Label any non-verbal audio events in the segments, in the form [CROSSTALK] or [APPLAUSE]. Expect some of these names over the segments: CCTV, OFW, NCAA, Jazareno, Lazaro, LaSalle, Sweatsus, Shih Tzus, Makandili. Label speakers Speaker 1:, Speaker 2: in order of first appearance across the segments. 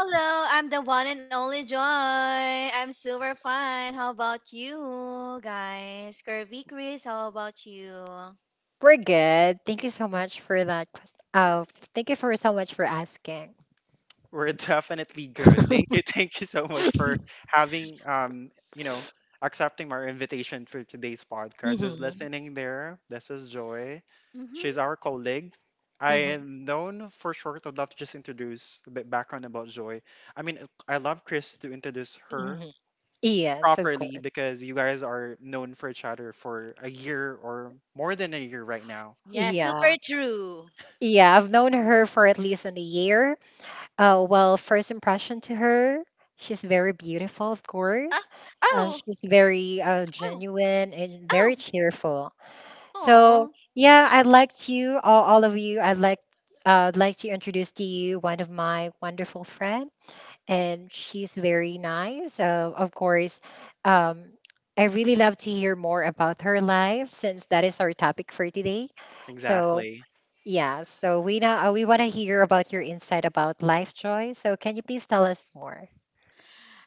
Speaker 1: Hello, I'm the one and only Joy. I'm super fine. How about you guys? Curvy Chris, how about you? Mm-hmm. Yeah, super true. Ah, oh, oh, oh, oh.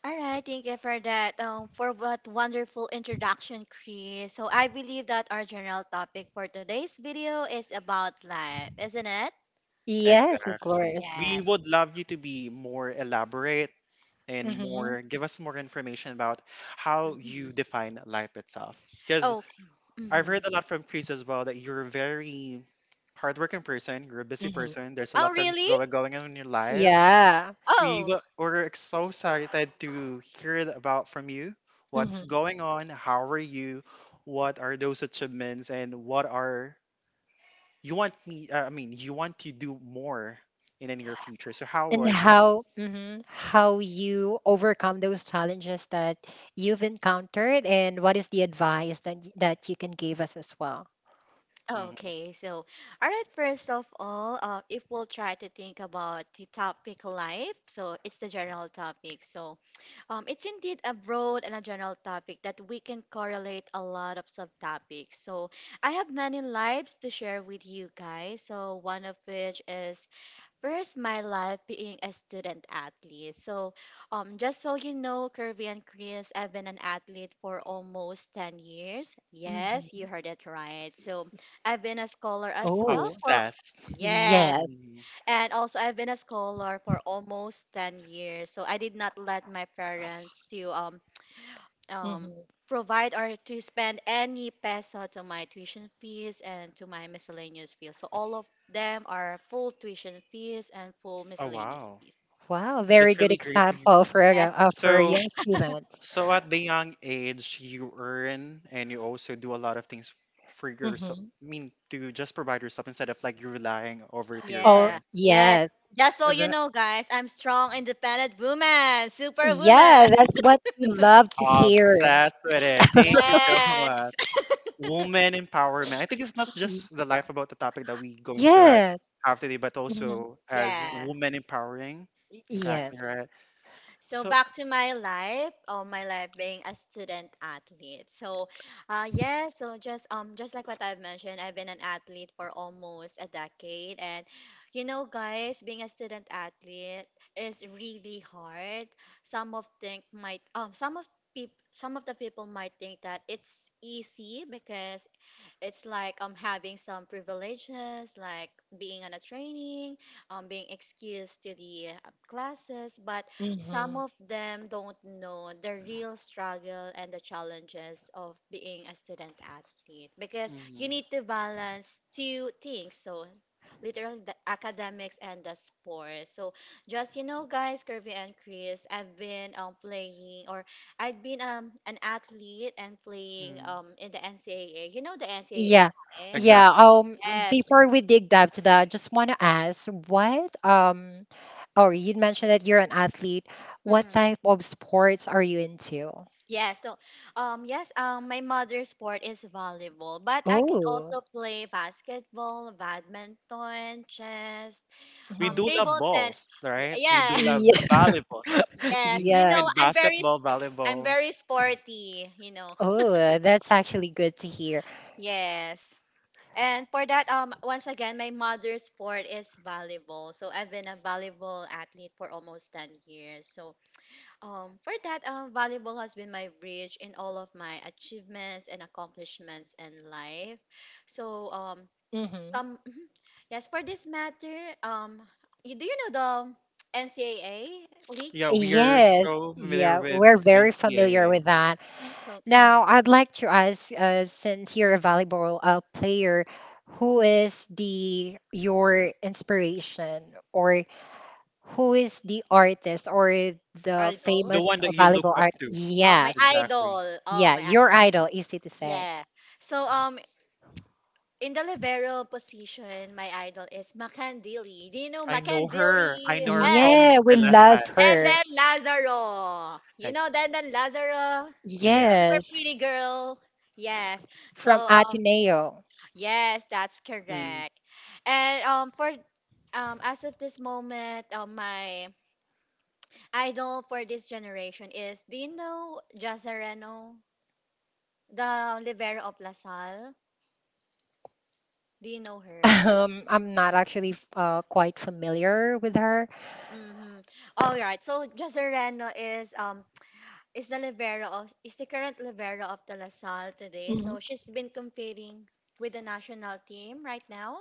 Speaker 1: All right, thank you for that. For what wonderful introduction, Chris. So I believe that our general topic for today's video is about life, isn't it? Yes. Mm-hmm. Okay. Mm-hmm. Oh, really? Oh, okay, all right, first of all, if we'll try to think about the topic life, so it's the general topic. So it's indeed a broad and a general topic that we can correlate a lot of subtopics. So I have many lives to share with you guys. So one of which is first, my life being a student athlete. So, just so you know, Kirby and Chris, I've been an athlete for almost 10 years. Yes, you heard it right. So, I've been a scholar as well for, yes. And also, I've been a scholar for almost 10 years. So, I did not let my parents to um, provide or to spend any peso to my tuition fees and to my miscellaneous fees. So all of them are full tuition fees and full miscellaneous fees. Yes, yeah, yes. Just so you know, guys, I'm strong, independent woman, superwoman. [LAUGHS] Yes, [LAUGHS] yeah. So back to my life, oh, my life being a student athlete. So, yeah, so just like what I've mentioned, I've been an athlete for almost a decade, and you know, guys, being a student athlete is really hard. Some of think might some of peop some of the people might think that it's easy because it's like having some privileges, like being on a training, being excused to the classes, but some of them don't know the real struggle and the challenges of being a student athlete because you need to balance two things. So literally the academics and the sport. So just you know, guys, Kirby and Chris, I'd been an athlete and playing in the NCAA. You know the NCAA, guys? Yes. Mm. Yeah, so yes, my mother's sport is volleyball, but I could also play basketball, badminton, chess, table tennis. Yeah. [LAUGHS] Yes, you know I'm very sporty, you know. Yes. And for that, once again, my mother's sport is volleyball. So I've been a volleyball athlete for almost 10 years. So for that, volleyball has been my bridge in all of my achievements and accomplishments in life. So some, [LAUGHS] mhm. Yes, for this matter, you, do you know the NCAA league? So mhm, idol. Oh, my idol. Oh, my idol. Yeah. So in the libero position, my idol is Makandili. Do you know Makandili? And then Lazaro. You know then Lazaro, super pretty girl. Yes. So yes, that's correct. And for as of this moment, my idol for this generation is, do you know Jazareno, the libero of Lasal? Do you know her? Mm-hmm. All right. So Jazareno is the current libero of the LaSalle today. So she's been competing with the national team right now.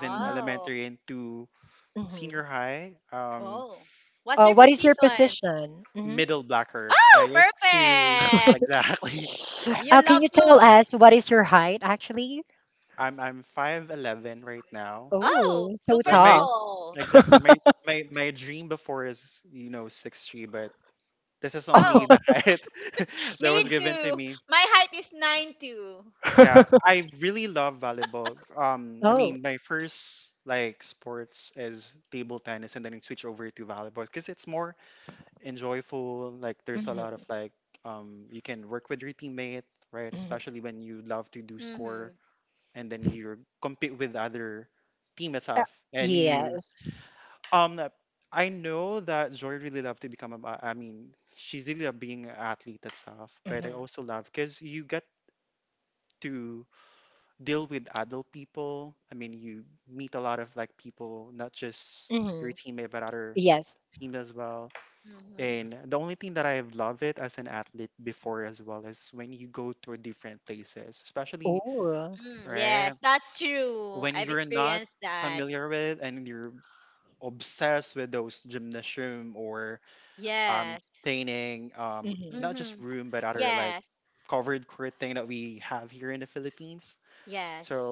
Speaker 1: Oh, oh. What's your position? Oh, perfect. You love to. Oh, super tall. Oh, me too. My height is 9'2". Mhm. Mhm. Mm, yes, that's experience. Yes. Yes. Yes.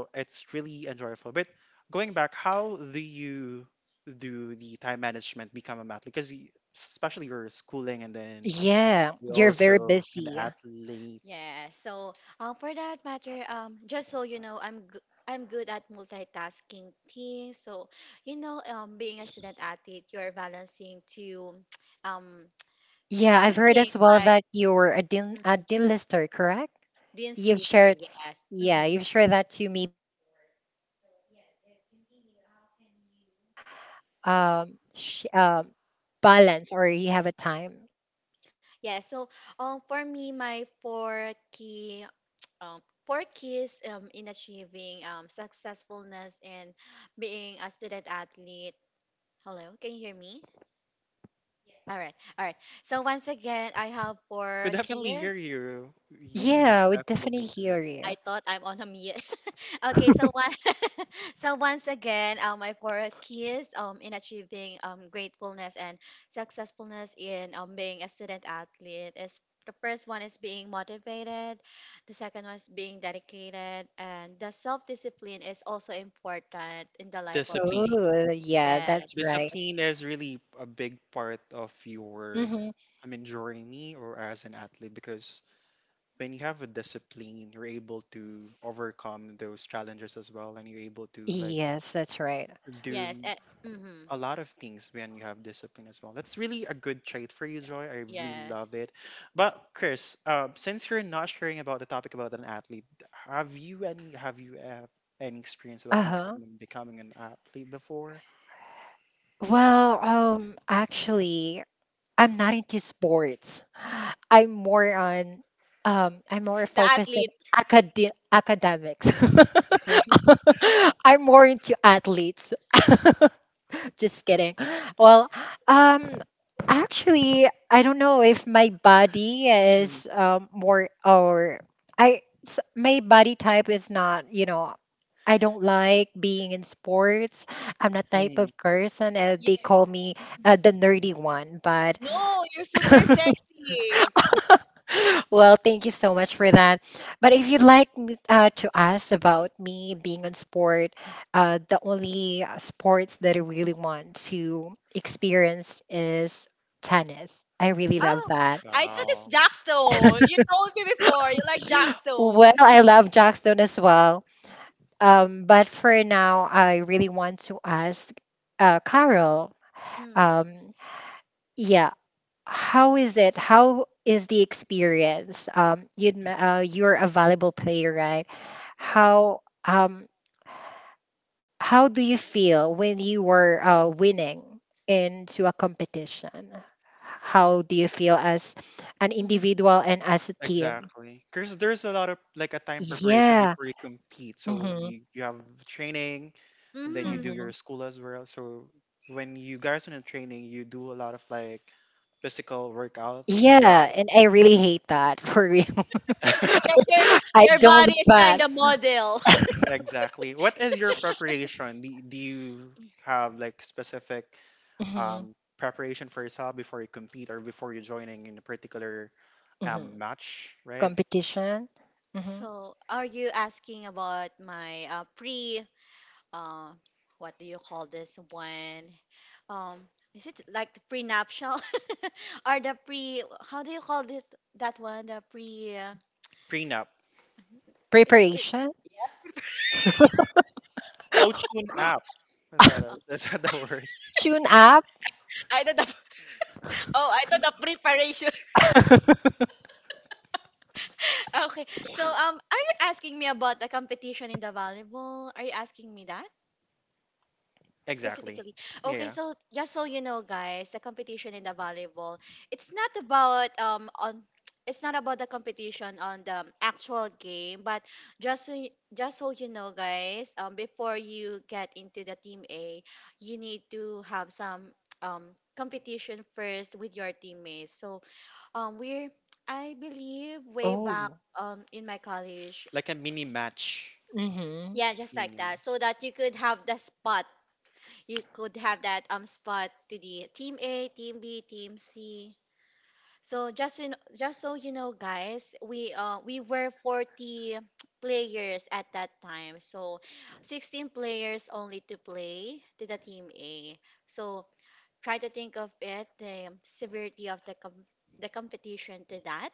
Speaker 1: Yeah. So, for that matter, just so you know, I'm good at multitasking things. So, you know, being a student athlete, you're balancing two, [TSK] um, two things like mhm, Dean's Lister. Yes. Hmm. Yeah. So, for me, my um, four keys in achieving successfulness and being a student athlete. Hello, can you hear me? All right, all right. So once again, I have four kids. Mhm.
Speaker 2: Yeah, we definitely hear
Speaker 1: I
Speaker 2: you.
Speaker 1: thought I'm on a mute. [LAUGHS] Okay, so one, [LAUGHS] so once again, my four keys in achieving gratefulness and successfulness in being a student athlete is the first one is being motivated, the second one is being dedicated, and the self discipline is also important in the life.
Speaker 2: Oh, yeah, that's
Speaker 1: Yes,
Speaker 2: right. Hmm. Yes, that's right.
Speaker 1: yes, eh, mhm, yeah, yes.
Speaker 2: Uh huh. Well, actually, I'm not into sports. [SIGHS] I'm more on, I'm more
Speaker 1: The
Speaker 2: focused on
Speaker 1: athlete.
Speaker 2: academics. [LAUGHS] I'm more into athletes. [LAUGHS] Just kidding. [GASPS] Well, um, actually, I don't know if my body type is not, you know, I don't like being in sports. I'm the type of person they call me the nerdy one, but
Speaker 1: No, you're super sexy.
Speaker 2: well, thank you so much for that. But if to ask about me being on sport, the only sports that I really want to experience is tennis. I really love
Speaker 1: Oh,
Speaker 2: that.
Speaker 1: I thought it's Jackstone. You told me before you like
Speaker 2: Well,
Speaker 1: Jackstone.
Speaker 2: I love Jackstone as well. But for now, I really want to ask Carol.
Speaker 1: Mm,
Speaker 2: Um, yeah, how is it? How is the experience? You're a volleyball player, right?
Speaker 1: mhm,
Speaker 2: How um how do you feel when you were winning into a competition? How do you feel as an
Speaker 1: mhm,
Speaker 2: individual and as a team? Yeah. Hmm.
Speaker 1: mhm.
Speaker 2: Hmm. Yeah, and I really hate that for real.
Speaker 1: Because your
Speaker 2: [LAUGHS] I
Speaker 1: your
Speaker 2: don't
Speaker 1: body
Speaker 2: like
Speaker 1: is kind
Speaker 2: that.
Speaker 1: of model.
Speaker 2: Hmm. Hmm. Competition, hmm,
Speaker 1: So, are you asking about my pre uh what do you call this one? Um, is it like the prenuptial [LAUGHS] or the pre, how do you call it, that one? The is pre-
Speaker 2: preparation,
Speaker 1: oh,
Speaker 2: tune up.
Speaker 1: I thought the, [LAUGHS] oh, I thought the preparation. [LAUGHS] Okay. So, are you asking me about the competition in the volleyball? Are you asking me that specifically? Okay. So, just so you know, guys, the competition in the volleyball, it's not about on. [TSK] It's not about the competition on the actual game, but just so you know, guys, before you get into the team A, you need to have some [TSK] competition first with your teammates. So um, we're, I believe, way back
Speaker 2: Oh.
Speaker 1: in my college.
Speaker 2: Hmm.
Speaker 1: Yeah, just like that. So that you could have the spot. You could have that spot to the team A, team B, team C. So just so you know, guys, we were 40 players at that time. So 16 players only to play to the team A. So try to think of it, the severity of the competition to that.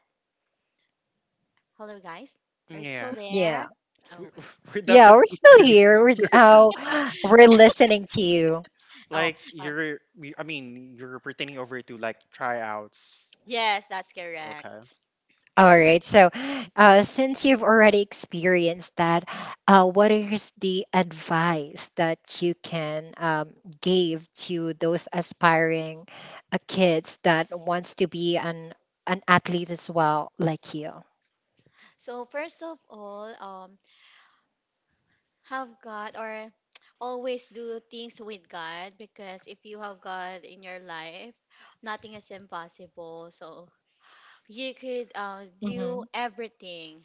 Speaker 1: Hello, guys. Are you still there?
Speaker 2: Yeah.
Speaker 1: Oh, okay.
Speaker 2: Yeah, we're still here. Oh, [GASPS]
Speaker 1: [LAUGHS] Yeah.
Speaker 2: we're listening to you.
Speaker 1: Oh, uh, yes, that's correct.
Speaker 2: All right. So, since you've already experienced that, what is the advice that you can give to those aspiring kids that wants to be an athlete as well, like you?
Speaker 1: So first of all, have God or [TSK] always do things with God because if you have God in your life, nothing is impossible. So you could do
Speaker 2: Hmm.
Speaker 1: everything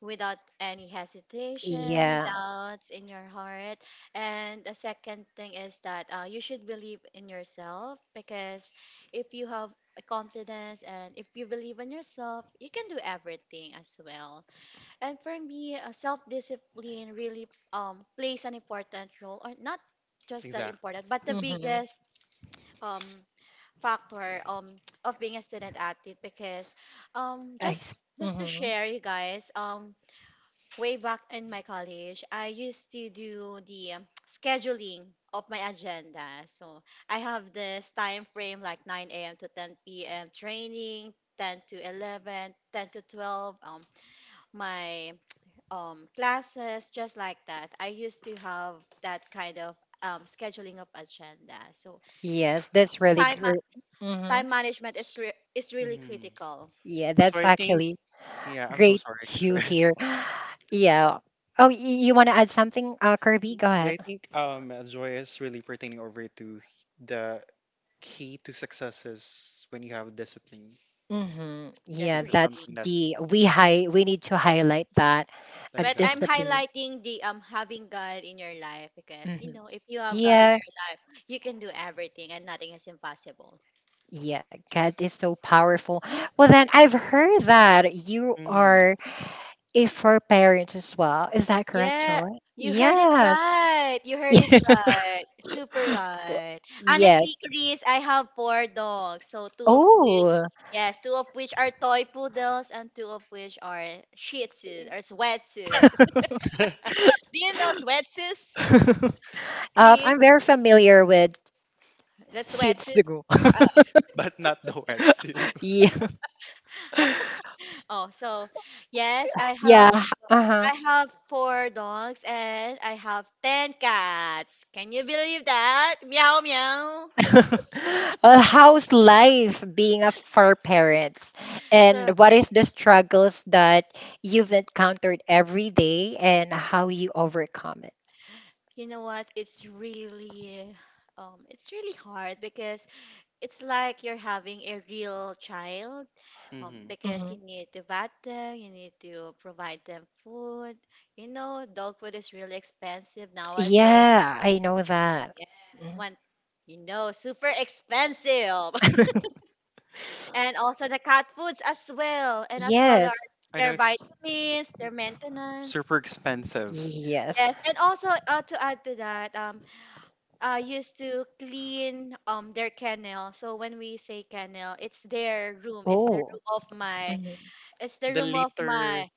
Speaker 1: without any hesitation,
Speaker 2: Yeah.
Speaker 1: doubts in your heart. And the second thing is that you should believe in yourself because if you have a confidence and if you believe in yourself, you can do everything as well. And for me, self discipline really plays an important role, or not just that important, but the
Speaker 2: Hmm.
Speaker 1: biggest um, factor [TSK] of being a student athlete because um,
Speaker 2: I,
Speaker 1: just just to
Speaker 2: hmm.
Speaker 1: share you guys way back in my college, I used to do the [TSK] scheduling of my agenda. So I have this time frame like 9 a.m. to 10 p.m. training, 10 to 11, 10 to 12, my classes, just like that. I used to have that kind of scheduling of agenda. So
Speaker 2: Yes, that's really
Speaker 1: time ma-
Speaker 2: great. Hmm.
Speaker 1: time management is is really critical.
Speaker 2: Yeah, that's actually great to hear. Yeah. Oh, you want to add something, Kirby? Go ahead. Hmm.
Speaker 1: Yes,
Speaker 2: Yeah,
Speaker 1: really.
Speaker 2: that's the we high we need to highlight that a
Speaker 1: But I'm
Speaker 2: discipline.
Speaker 1: highlighting the having God in your life because you
Speaker 2: Hmm.
Speaker 1: know if you have God in
Speaker 2: Yeah,
Speaker 1: your life, you can do everything and nothing is impossible.
Speaker 2: yeah, God is so powerful. Well, then I've heard that you are a fur parent as well. Is that correct,
Speaker 1: Yeah,
Speaker 2: Joy?
Speaker 1: you heard it
Speaker 2: Yes.
Speaker 1: right. You heard it
Speaker 2: [LAUGHS]
Speaker 1: right. Super
Speaker 2: Well,
Speaker 1: right. Honestly,
Speaker 2: yes.
Speaker 1: Chris, I have four dogs. So two of which,
Speaker 2: Oh,
Speaker 1: yes, two of which are toy poodles and two of which are Shih Tzus or Sweatsus. [LAUGHS] Do you know Sweatsus,
Speaker 2: I'm
Speaker 1: Chris?
Speaker 2: very familiar with
Speaker 1: The
Speaker 2: Shih
Speaker 1: Sweatsus.
Speaker 2: Tzu. [LAUGHS] Yeah.
Speaker 1: Oh, so yes, I
Speaker 2: Yeah.
Speaker 1: have
Speaker 2: Uh-huh.
Speaker 1: I have four dogs and I have ten cats. Can you believe that? Meow meow.
Speaker 2: [LAUGHS] Well, how's life being a fur parents?
Speaker 1: So
Speaker 2: And what is the struggles that you've encountered every day and how you overcome it?
Speaker 1: you know what? It's really it's really hard because it's like you're having a real child. Because you
Speaker 2: Hmm.
Speaker 1: need to vet them, you need to provide them food. You know, dog food is really expensive nowadays.
Speaker 2: Yeah, I know that.
Speaker 1: Yes,
Speaker 2: Mhm.
Speaker 1: one, you know, super expensive. And also the cat foods as well, and as well
Speaker 2: Yes.
Speaker 1: their vitamins, their maintenance.
Speaker 2: Yes.
Speaker 1: Yes, and also to add to that, used to clean their kennel. So when we say kennel, it's their room. It's the
Speaker 2: Oh.
Speaker 1: room of my.
Speaker 2: Mhm.
Speaker 1: It's the room of my.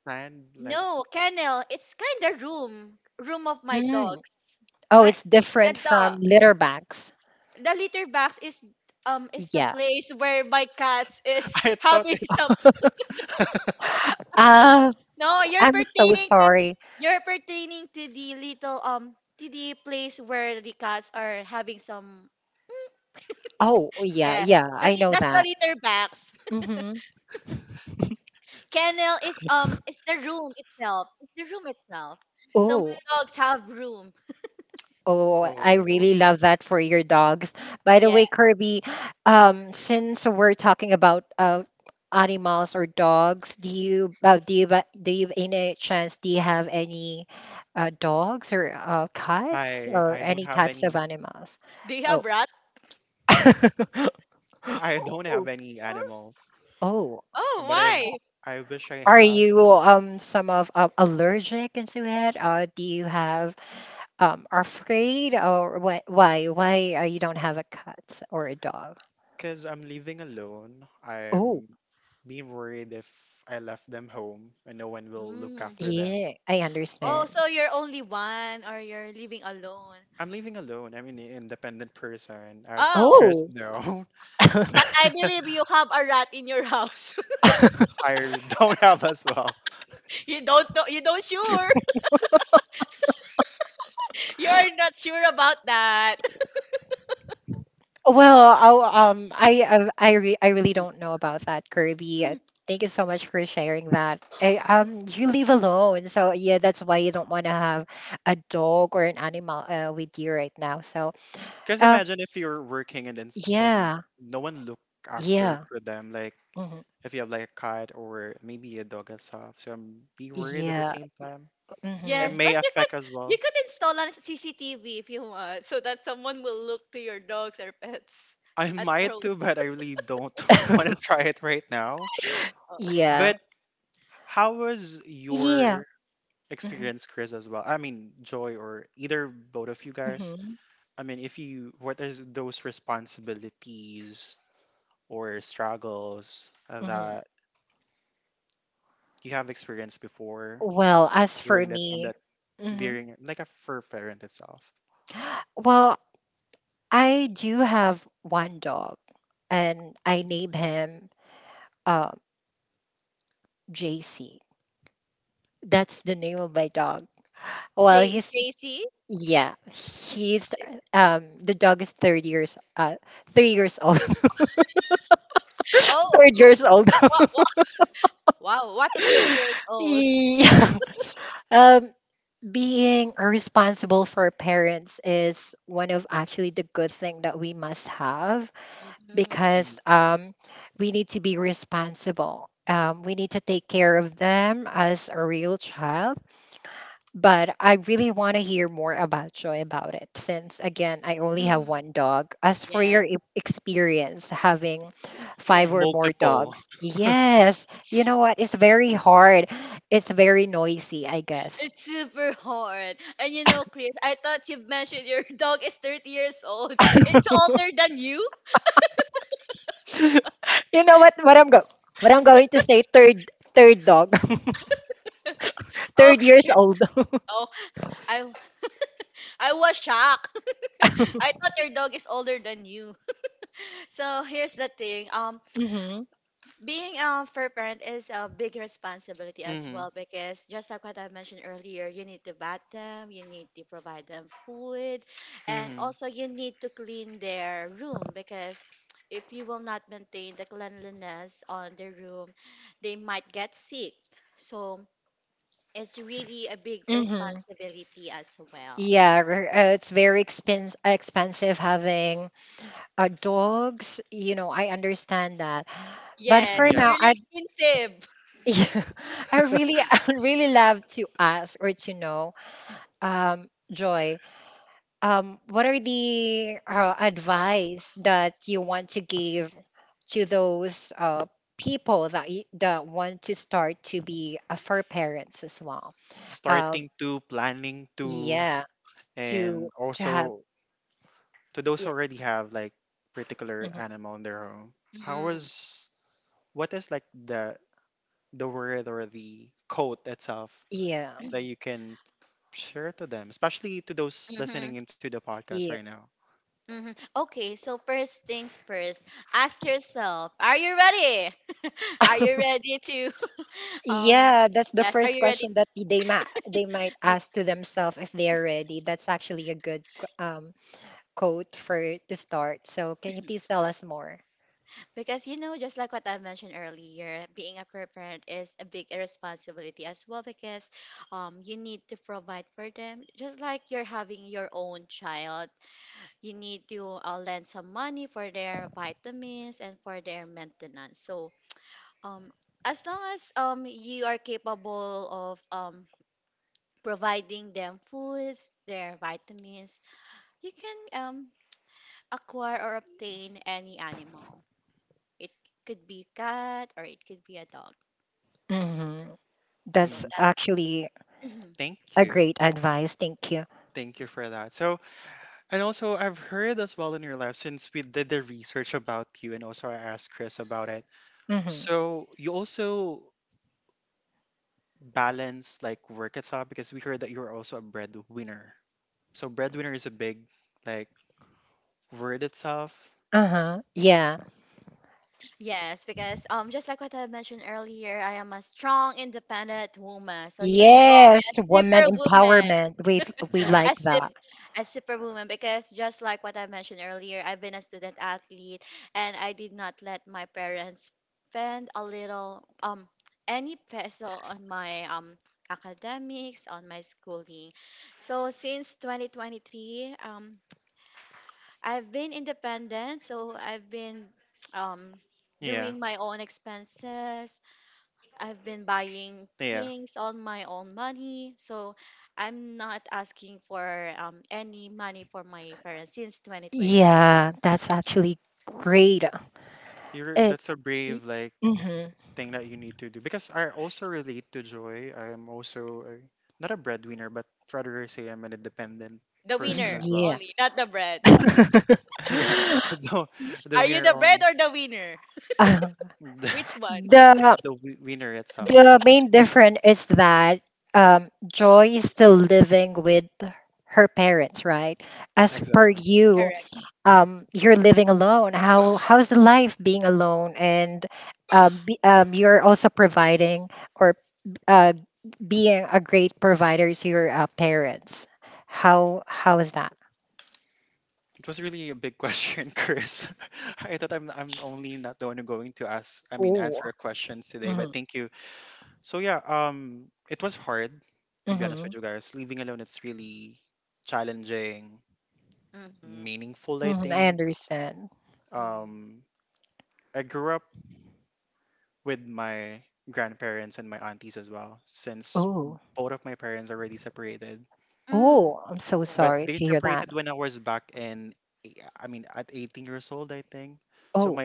Speaker 1: No kennel. It's kind of room. Room of my
Speaker 2: Mm.
Speaker 1: dogs.
Speaker 2: Oh,
Speaker 1: Right.
Speaker 2: it's
Speaker 1: The
Speaker 2: different from
Speaker 1: dog.
Speaker 2: litter bags.
Speaker 1: The litter box is the
Speaker 2: Yeah.
Speaker 1: place where my cats is [LAUGHS] having some.
Speaker 2: [GASPS] Uh,
Speaker 1: No, you're
Speaker 2: I'm so
Speaker 1: pertaining to,
Speaker 2: sorry.
Speaker 1: you're pertaining to the little to the place where the cats are having some,
Speaker 2: Oh, yeah,
Speaker 1: yeah,
Speaker 2: yeah,
Speaker 1: that,
Speaker 2: I know
Speaker 1: that's
Speaker 2: that.
Speaker 1: the litter box.
Speaker 2: Hmm.
Speaker 1: Kennel is the room itself. It's the room itself. So
Speaker 2: Oh,
Speaker 1: my dogs have room.
Speaker 2: oh, I really love that for your dogs. By the
Speaker 1: Yeah.
Speaker 2: way, Kirby, since we're talking about animals or dogs, do you ba- do you any chance do you have any dogs or cats or any types of animals?
Speaker 1: Do you
Speaker 2: Oh,
Speaker 1: have rat?
Speaker 2: oh,
Speaker 1: Oh, why?
Speaker 2: are you some of allergic into it? Do you have afraid or what? Why you don't have a cat or a dog? Oh.
Speaker 1: Mm.
Speaker 2: Yeah, I
Speaker 1: Oh, so
Speaker 2: understand.
Speaker 1: you're only one or you're living alone. Oh,
Speaker 2: Oh,
Speaker 1: but I believe you have a rat in your house. [LAUGHS] You don't know, you don't sure. [LAUGHS] You are not sure about that.
Speaker 2: well, I'll, I, re- I really don't know about that, Kirby. Thank you so much for sharing that. I, you live alone, so yeah, that's why you don't want to have a dog or an animal with you right now. So, uh, yeah, yeah, hmm, yeah, hmm,
Speaker 1: Yes, but you could install a CCTV if you want, so that someone will look to your dogs or pets at your whole-
Speaker 2: [LAUGHS]
Speaker 1: oh,
Speaker 2: yeah, yeah. Hmm. Hmm. Hmm. Well, as for me, hmm, well, I do have one dog, and I name him uh, JC. That's the name of my dog. Well,
Speaker 1: J
Speaker 2: he's
Speaker 1: JC.
Speaker 2: yeah,
Speaker 1: Is-
Speaker 2: he's
Speaker 1: is-
Speaker 2: the dog is third years 3 years old, [LAUGHS]
Speaker 1: Oh,
Speaker 2: third years old.
Speaker 1: wow,
Speaker 2: [LAUGHS]
Speaker 1: wow, what a 30 years old.
Speaker 2: Yeah. Um, being responsible for parents is one of actually the good thing that we must have
Speaker 1: Hmm.
Speaker 2: because we need to be responsible. We need to take care of them as a real child. But I really want to hear more about Joy about it, since again, I only have
Speaker 1: Hmm.
Speaker 2: one dog. As for your
Speaker 1: Yes,
Speaker 2: experience having five
Speaker 1: yes.
Speaker 2: or more dogs, yes, you know what? It's very hard. It's very noisy, I guess.
Speaker 1: It's super hard. And you know, Chris, I thought you mentioned your [LAUGHS] dog is 30 years old. It's older than you?
Speaker 2: You know what? What I'm going to say, third dog, [LAUGHS] third years
Speaker 1: Okay.
Speaker 2: old.
Speaker 1: Oh, I I was shocked. [LAUGHS] I
Speaker 2: [LAUGHS]
Speaker 1: thought your dog is older than you. So here's the thing. Being a fair parent is a big responsibility as well because just like what I mentioned earlier, you need to bath them, you need to provide them food, and also you need to clean their room because if you will not maintain the cleanliness on their room, they might get sick. So it's really a big
Speaker 2: Mm-hmm.
Speaker 1: responsibility as well.
Speaker 2: Yeah, r- it's very expense expensive having dogs. You know, I understand that. But
Speaker 1: Yes,
Speaker 2: for
Speaker 1: it's
Speaker 2: now,
Speaker 1: really
Speaker 2: I
Speaker 1: expensive.
Speaker 2: [LAUGHS] I really [LAUGHS] I would really love to ask or to know, um, Joy, what are the advice that you want to give to those people that that want to start to be fur parents as well? Um, yeah, to have yeah, mhm,
Speaker 1: [LAUGHS]
Speaker 2: yeah.
Speaker 1: Mm-hmm.
Speaker 2: Yeah.
Speaker 1: Okay, so first things first, ask yourself, are you ready? [LAUGHS] Are you ready to [LAUGHS] um
Speaker 2: Yeah, that's the
Speaker 1: yes, are
Speaker 2: first
Speaker 1: you ready?
Speaker 2: question that they might
Speaker 1: Be-
Speaker 2: ask to themselves if they are ready. That's actually a good quote for to start. So can you please tell us more?
Speaker 1: because you know, just like what I mentioned earlier, being a parent is a big responsibility as well because you need to provide for them just like you're having your own child. You need to lend some money for their vitamins and for their maintenance. So, um as long as you are capable of providing them foods, their vitamins. You can acquire or obtain any animal. It could be cat or it could be a dog.
Speaker 2: Hmm.
Speaker 1: So
Speaker 2: That's
Speaker 1: that's
Speaker 2: actually
Speaker 1: Mhm.
Speaker 2: a great advice. Thank you. Hmm. Uh huh. Yeah.
Speaker 1: Yes, because just like what I mentioned earlier, I am a strong, independent woman. So you can call
Speaker 2: Yes,
Speaker 1: me a
Speaker 2: woman
Speaker 1: superwoman.
Speaker 2: empowerment. We like
Speaker 1: As if
Speaker 2: that.
Speaker 1: as superwoman because just like what I mentioned earlier, I've been a student athlete and I did not let my parents spend a little any peso on my academics on my schooling. So since 2023, I've been independent, so I've been [TSK] um doing my own expenses. I've been buying things on my own money, so I'm not asking for any money for my parents since 2023.
Speaker 2: Yeah, that's actually great. It's. Mm-hmm.
Speaker 1: The winner
Speaker 2: Yeah.
Speaker 1: only, not the bread. [LAUGHS] Are you the bread or the winner?
Speaker 2: [LAUGHS] [LAUGHS]
Speaker 1: Which one?
Speaker 2: the the main difference is that Joy is still living with her parents, right? As per you,
Speaker 1: Correct.
Speaker 2: you're living alone. How's the life being alone? And you're also providing or uh, being a great provider to your parents. How is that? Oh, mm-hmm, mm-hmm,
Speaker 1: Mm-hmm.
Speaker 2: mm-hmm, I understand.
Speaker 1: Mm-hmm.
Speaker 2: Oh,
Speaker 1: Mm.
Speaker 2: oh, I'm so
Speaker 1: Or
Speaker 2: sorry to hear that. Oh,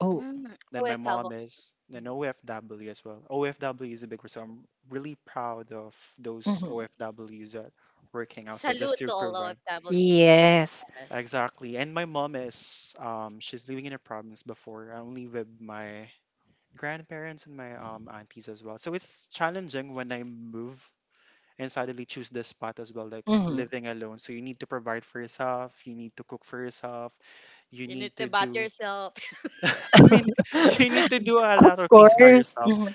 Speaker 2: oh.
Speaker 1: mm. OFW.
Speaker 2: Mhm.
Speaker 1: Salute to all O F Ws.
Speaker 2: Yes.
Speaker 1: Yes.
Speaker 2: Mm-hmm.
Speaker 1: You need to bat yourself.
Speaker 2: [LAUGHS] Of course. Mm-hmm.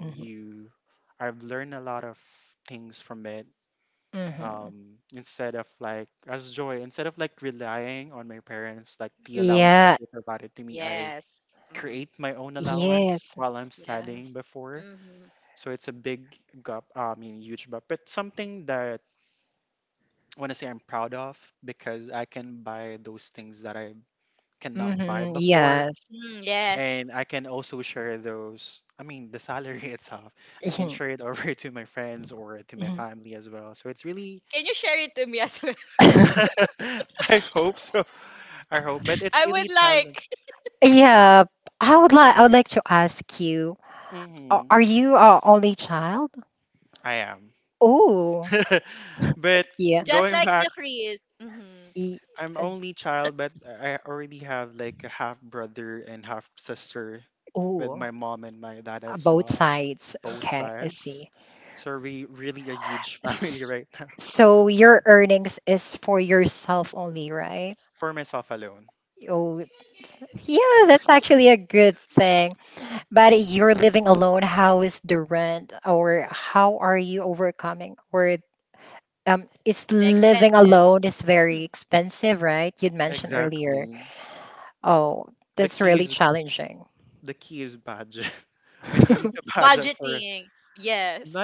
Speaker 2: Mm-hmm. Hmm. Yeah.
Speaker 1: [LAUGHS] Yes. Mm.
Speaker 2: Yes.
Speaker 1: Yes. Mm-hmm.
Speaker 2: Mm-hmm. Yes.
Speaker 1: Mm, yes.
Speaker 2: Mm-hmm.
Speaker 1: Can you share it to me as well?
Speaker 2: [LAUGHS]
Speaker 1: [LAUGHS] I would like.
Speaker 2: Yeah. I would like to ask you, are you a only child? Oh, yeah.
Speaker 1: Just like you, Chris.
Speaker 2: E- uh, oh, both sides. Okay, I see. S- So your earnings is for yourself only, right? Oh, it's, yeah, that's actually a good thing. But you're living alone. How is the rent, or how are you overcoming? Or is
Speaker 1: The expenses,
Speaker 2: living alone is
Speaker 1: mm,
Speaker 2: very expensive, right? You'd mentioned earlier. Oh, that's really challenging.
Speaker 1: budgeting. Yes,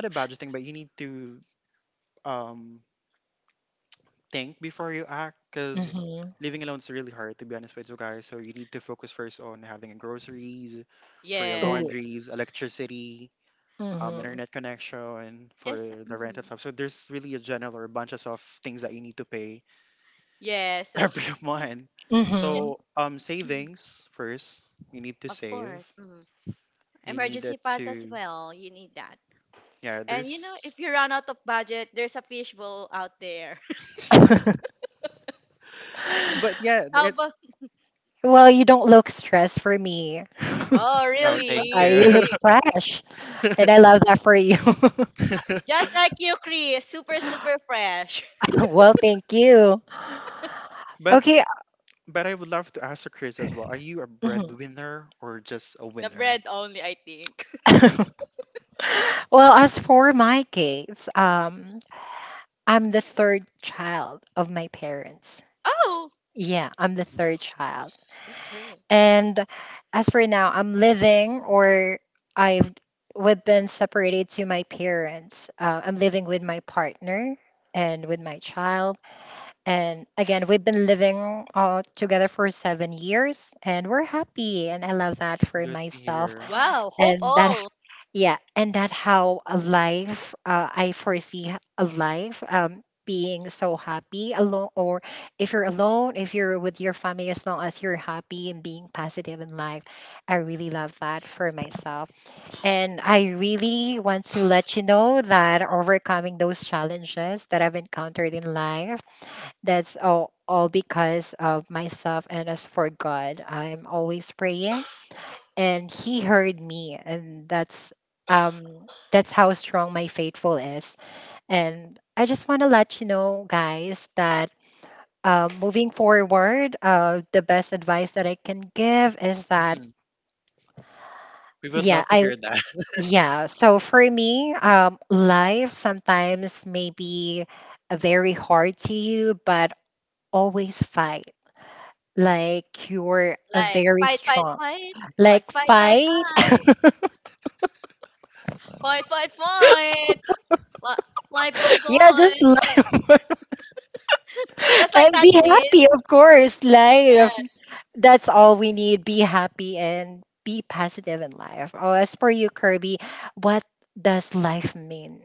Speaker 2: Mm-hmm. Oh.
Speaker 1: yes,
Speaker 2: Mm-hmm.
Speaker 1: yes, mm-hmm. Yes. So
Speaker 2: Mm-hmm.
Speaker 1: yes, mhm, of course. Mhm. Emergency funds as well. You need that. And you know, if you run out of budget, there's a fishbowl out there. [LAUGHS]
Speaker 2: [SIGHS]
Speaker 1: How about?
Speaker 2: Well, you don't look stressed for me. [LAUGHS]
Speaker 1: Oh,
Speaker 2: You look
Speaker 1: really?
Speaker 2: fresh, and I love that for you.
Speaker 1: Just like you, Chris. Super, super fresh.
Speaker 2: [LAUGHS] Well, thank you. Okay. Mhm.
Speaker 1: [LAUGHS] The bread only, I think. [LAUGHS]
Speaker 2: Well, as for my case, I'm the third child of my parents.
Speaker 1: Oh,
Speaker 2: Yeah, I'm the third child.
Speaker 1: the turn.
Speaker 2: And as for now, I'm living or I've we've been separated to my parents. I'm living with my partner and with my child. And again, we've been living together for 7 years and we're happy. And I love that for myself.
Speaker 1: Wow, hope
Speaker 2: And that
Speaker 1: all.
Speaker 2: Yeah, and that how a life I foresee a life being so happy alone, or if you're alone, if you're with your family, as long as you're happy and being positive in life, I really love that for myself. And I really want to let you know that overcoming those challenges that I've encountered in life, that's all because of myself and as for God, I'm always praying and he heard me and um that's how strong my faithful is and I just want to let you know guys that moving forward the best advice that I can give is that yeah I yeah so for me life sometimes may be very hard to you but always fight like you're a
Speaker 1: Like
Speaker 2: very
Speaker 1: fight, fight,
Speaker 2: strong
Speaker 1: fight. Like
Speaker 2: like
Speaker 1: fight, fight,
Speaker 2: fight
Speaker 1: fight. Fight, fight, fight. Li- Life goes
Speaker 2: [LAUGHS] yeah
Speaker 1: on.
Speaker 2: just
Speaker 1: Just like
Speaker 2: and
Speaker 1: that,
Speaker 2: be
Speaker 1: please.
Speaker 2: happy, of course. Life.
Speaker 1: Yes.
Speaker 2: That's all we need. Be happy and be positive in life. Oh, as for you, Kirby, what does life mean?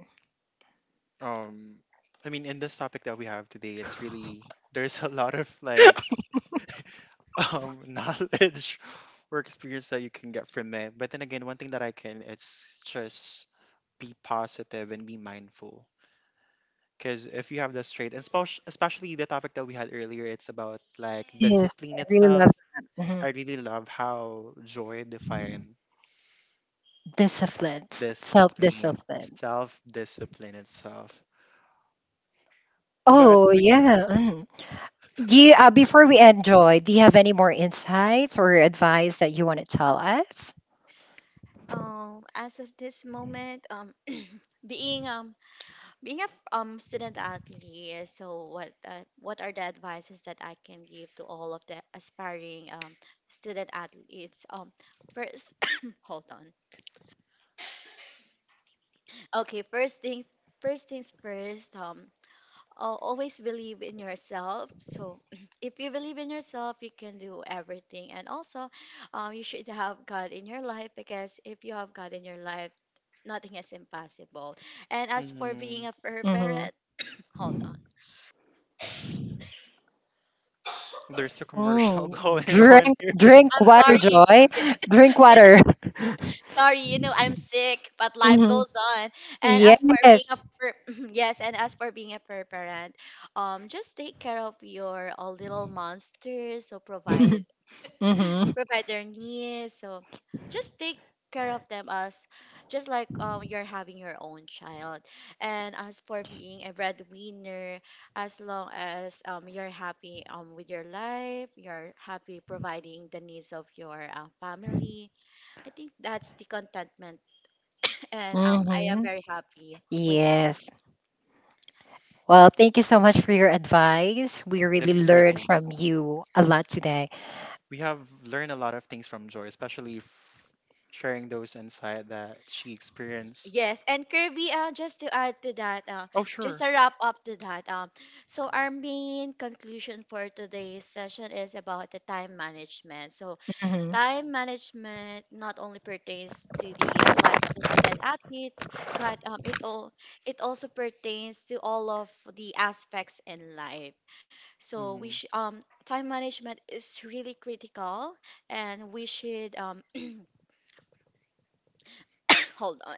Speaker 1: As of this moment, [CLEARS THROAT] being being a student athlete, so what are the advices that I can give to all of the aspiring student athletes? First, [COUGHS] hold on. Okay, first thing, first things first. Always believe in yourself. So, [CLEARS THROAT] if you believe in yourself, you can do everything. And also, you should have God in your life because if you have God in your life, nothing is impossible. And as for being a fur parent, [CLEARS THROAT] hold on. I'm sorry. [LAUGHS] You, know, sorry, you know I'm sick, but life goes on. And as for being a fur, [CLEARS THROAT] yes, and as for being a fur parent, just take care of your little monsters. So provide their needs. So just take care of them as just like you're having your own child. And as for being a breadwinner, as long as you're happy with your life, you're happy providing the needs of your family. I think that's the contentment, [LAUGHS] and I am very happy with that. Yes, and Kirby, just to add to that, just a wrap up to that. So our main conclusion for today's session is about the time management. So time management not only pertains to the life of the student athletes, but it also pertains to all of the aspects in life. So time management is really critical, and we should [COUGHS] [CLEARS THROAT] hold on.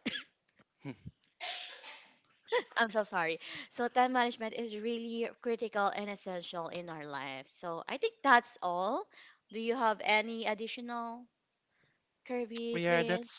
Speaker 1: I'm so sorry. So time management is really critical and essential in our lives. So I think that's all. Do you have any additional, Kirby, Chris?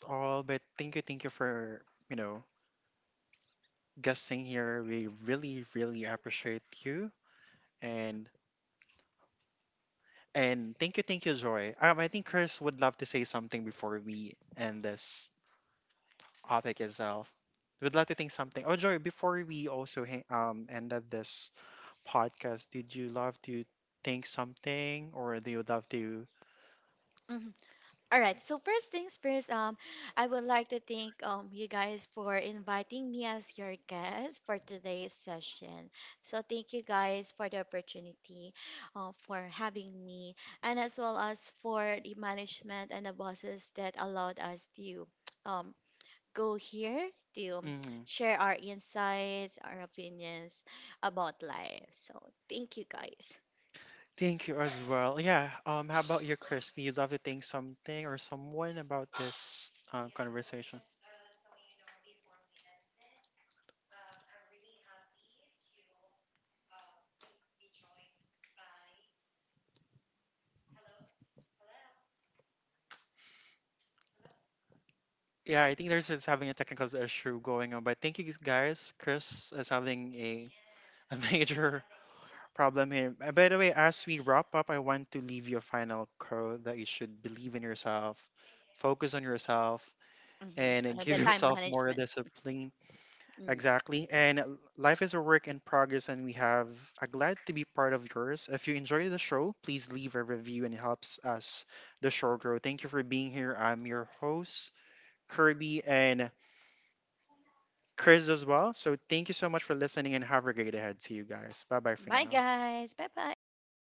Speaker 1: Mhm. All right. So first things first, I would like to thank you guys for inviting me as your guest for today's session. So thank you guys for the opportunity, for having me, and as well as for the management and the bosses that allowed us to um go here to share our insights, our opinions about life. So thank you guys. hmm the time management. Mm. Bye guys. Bye bye.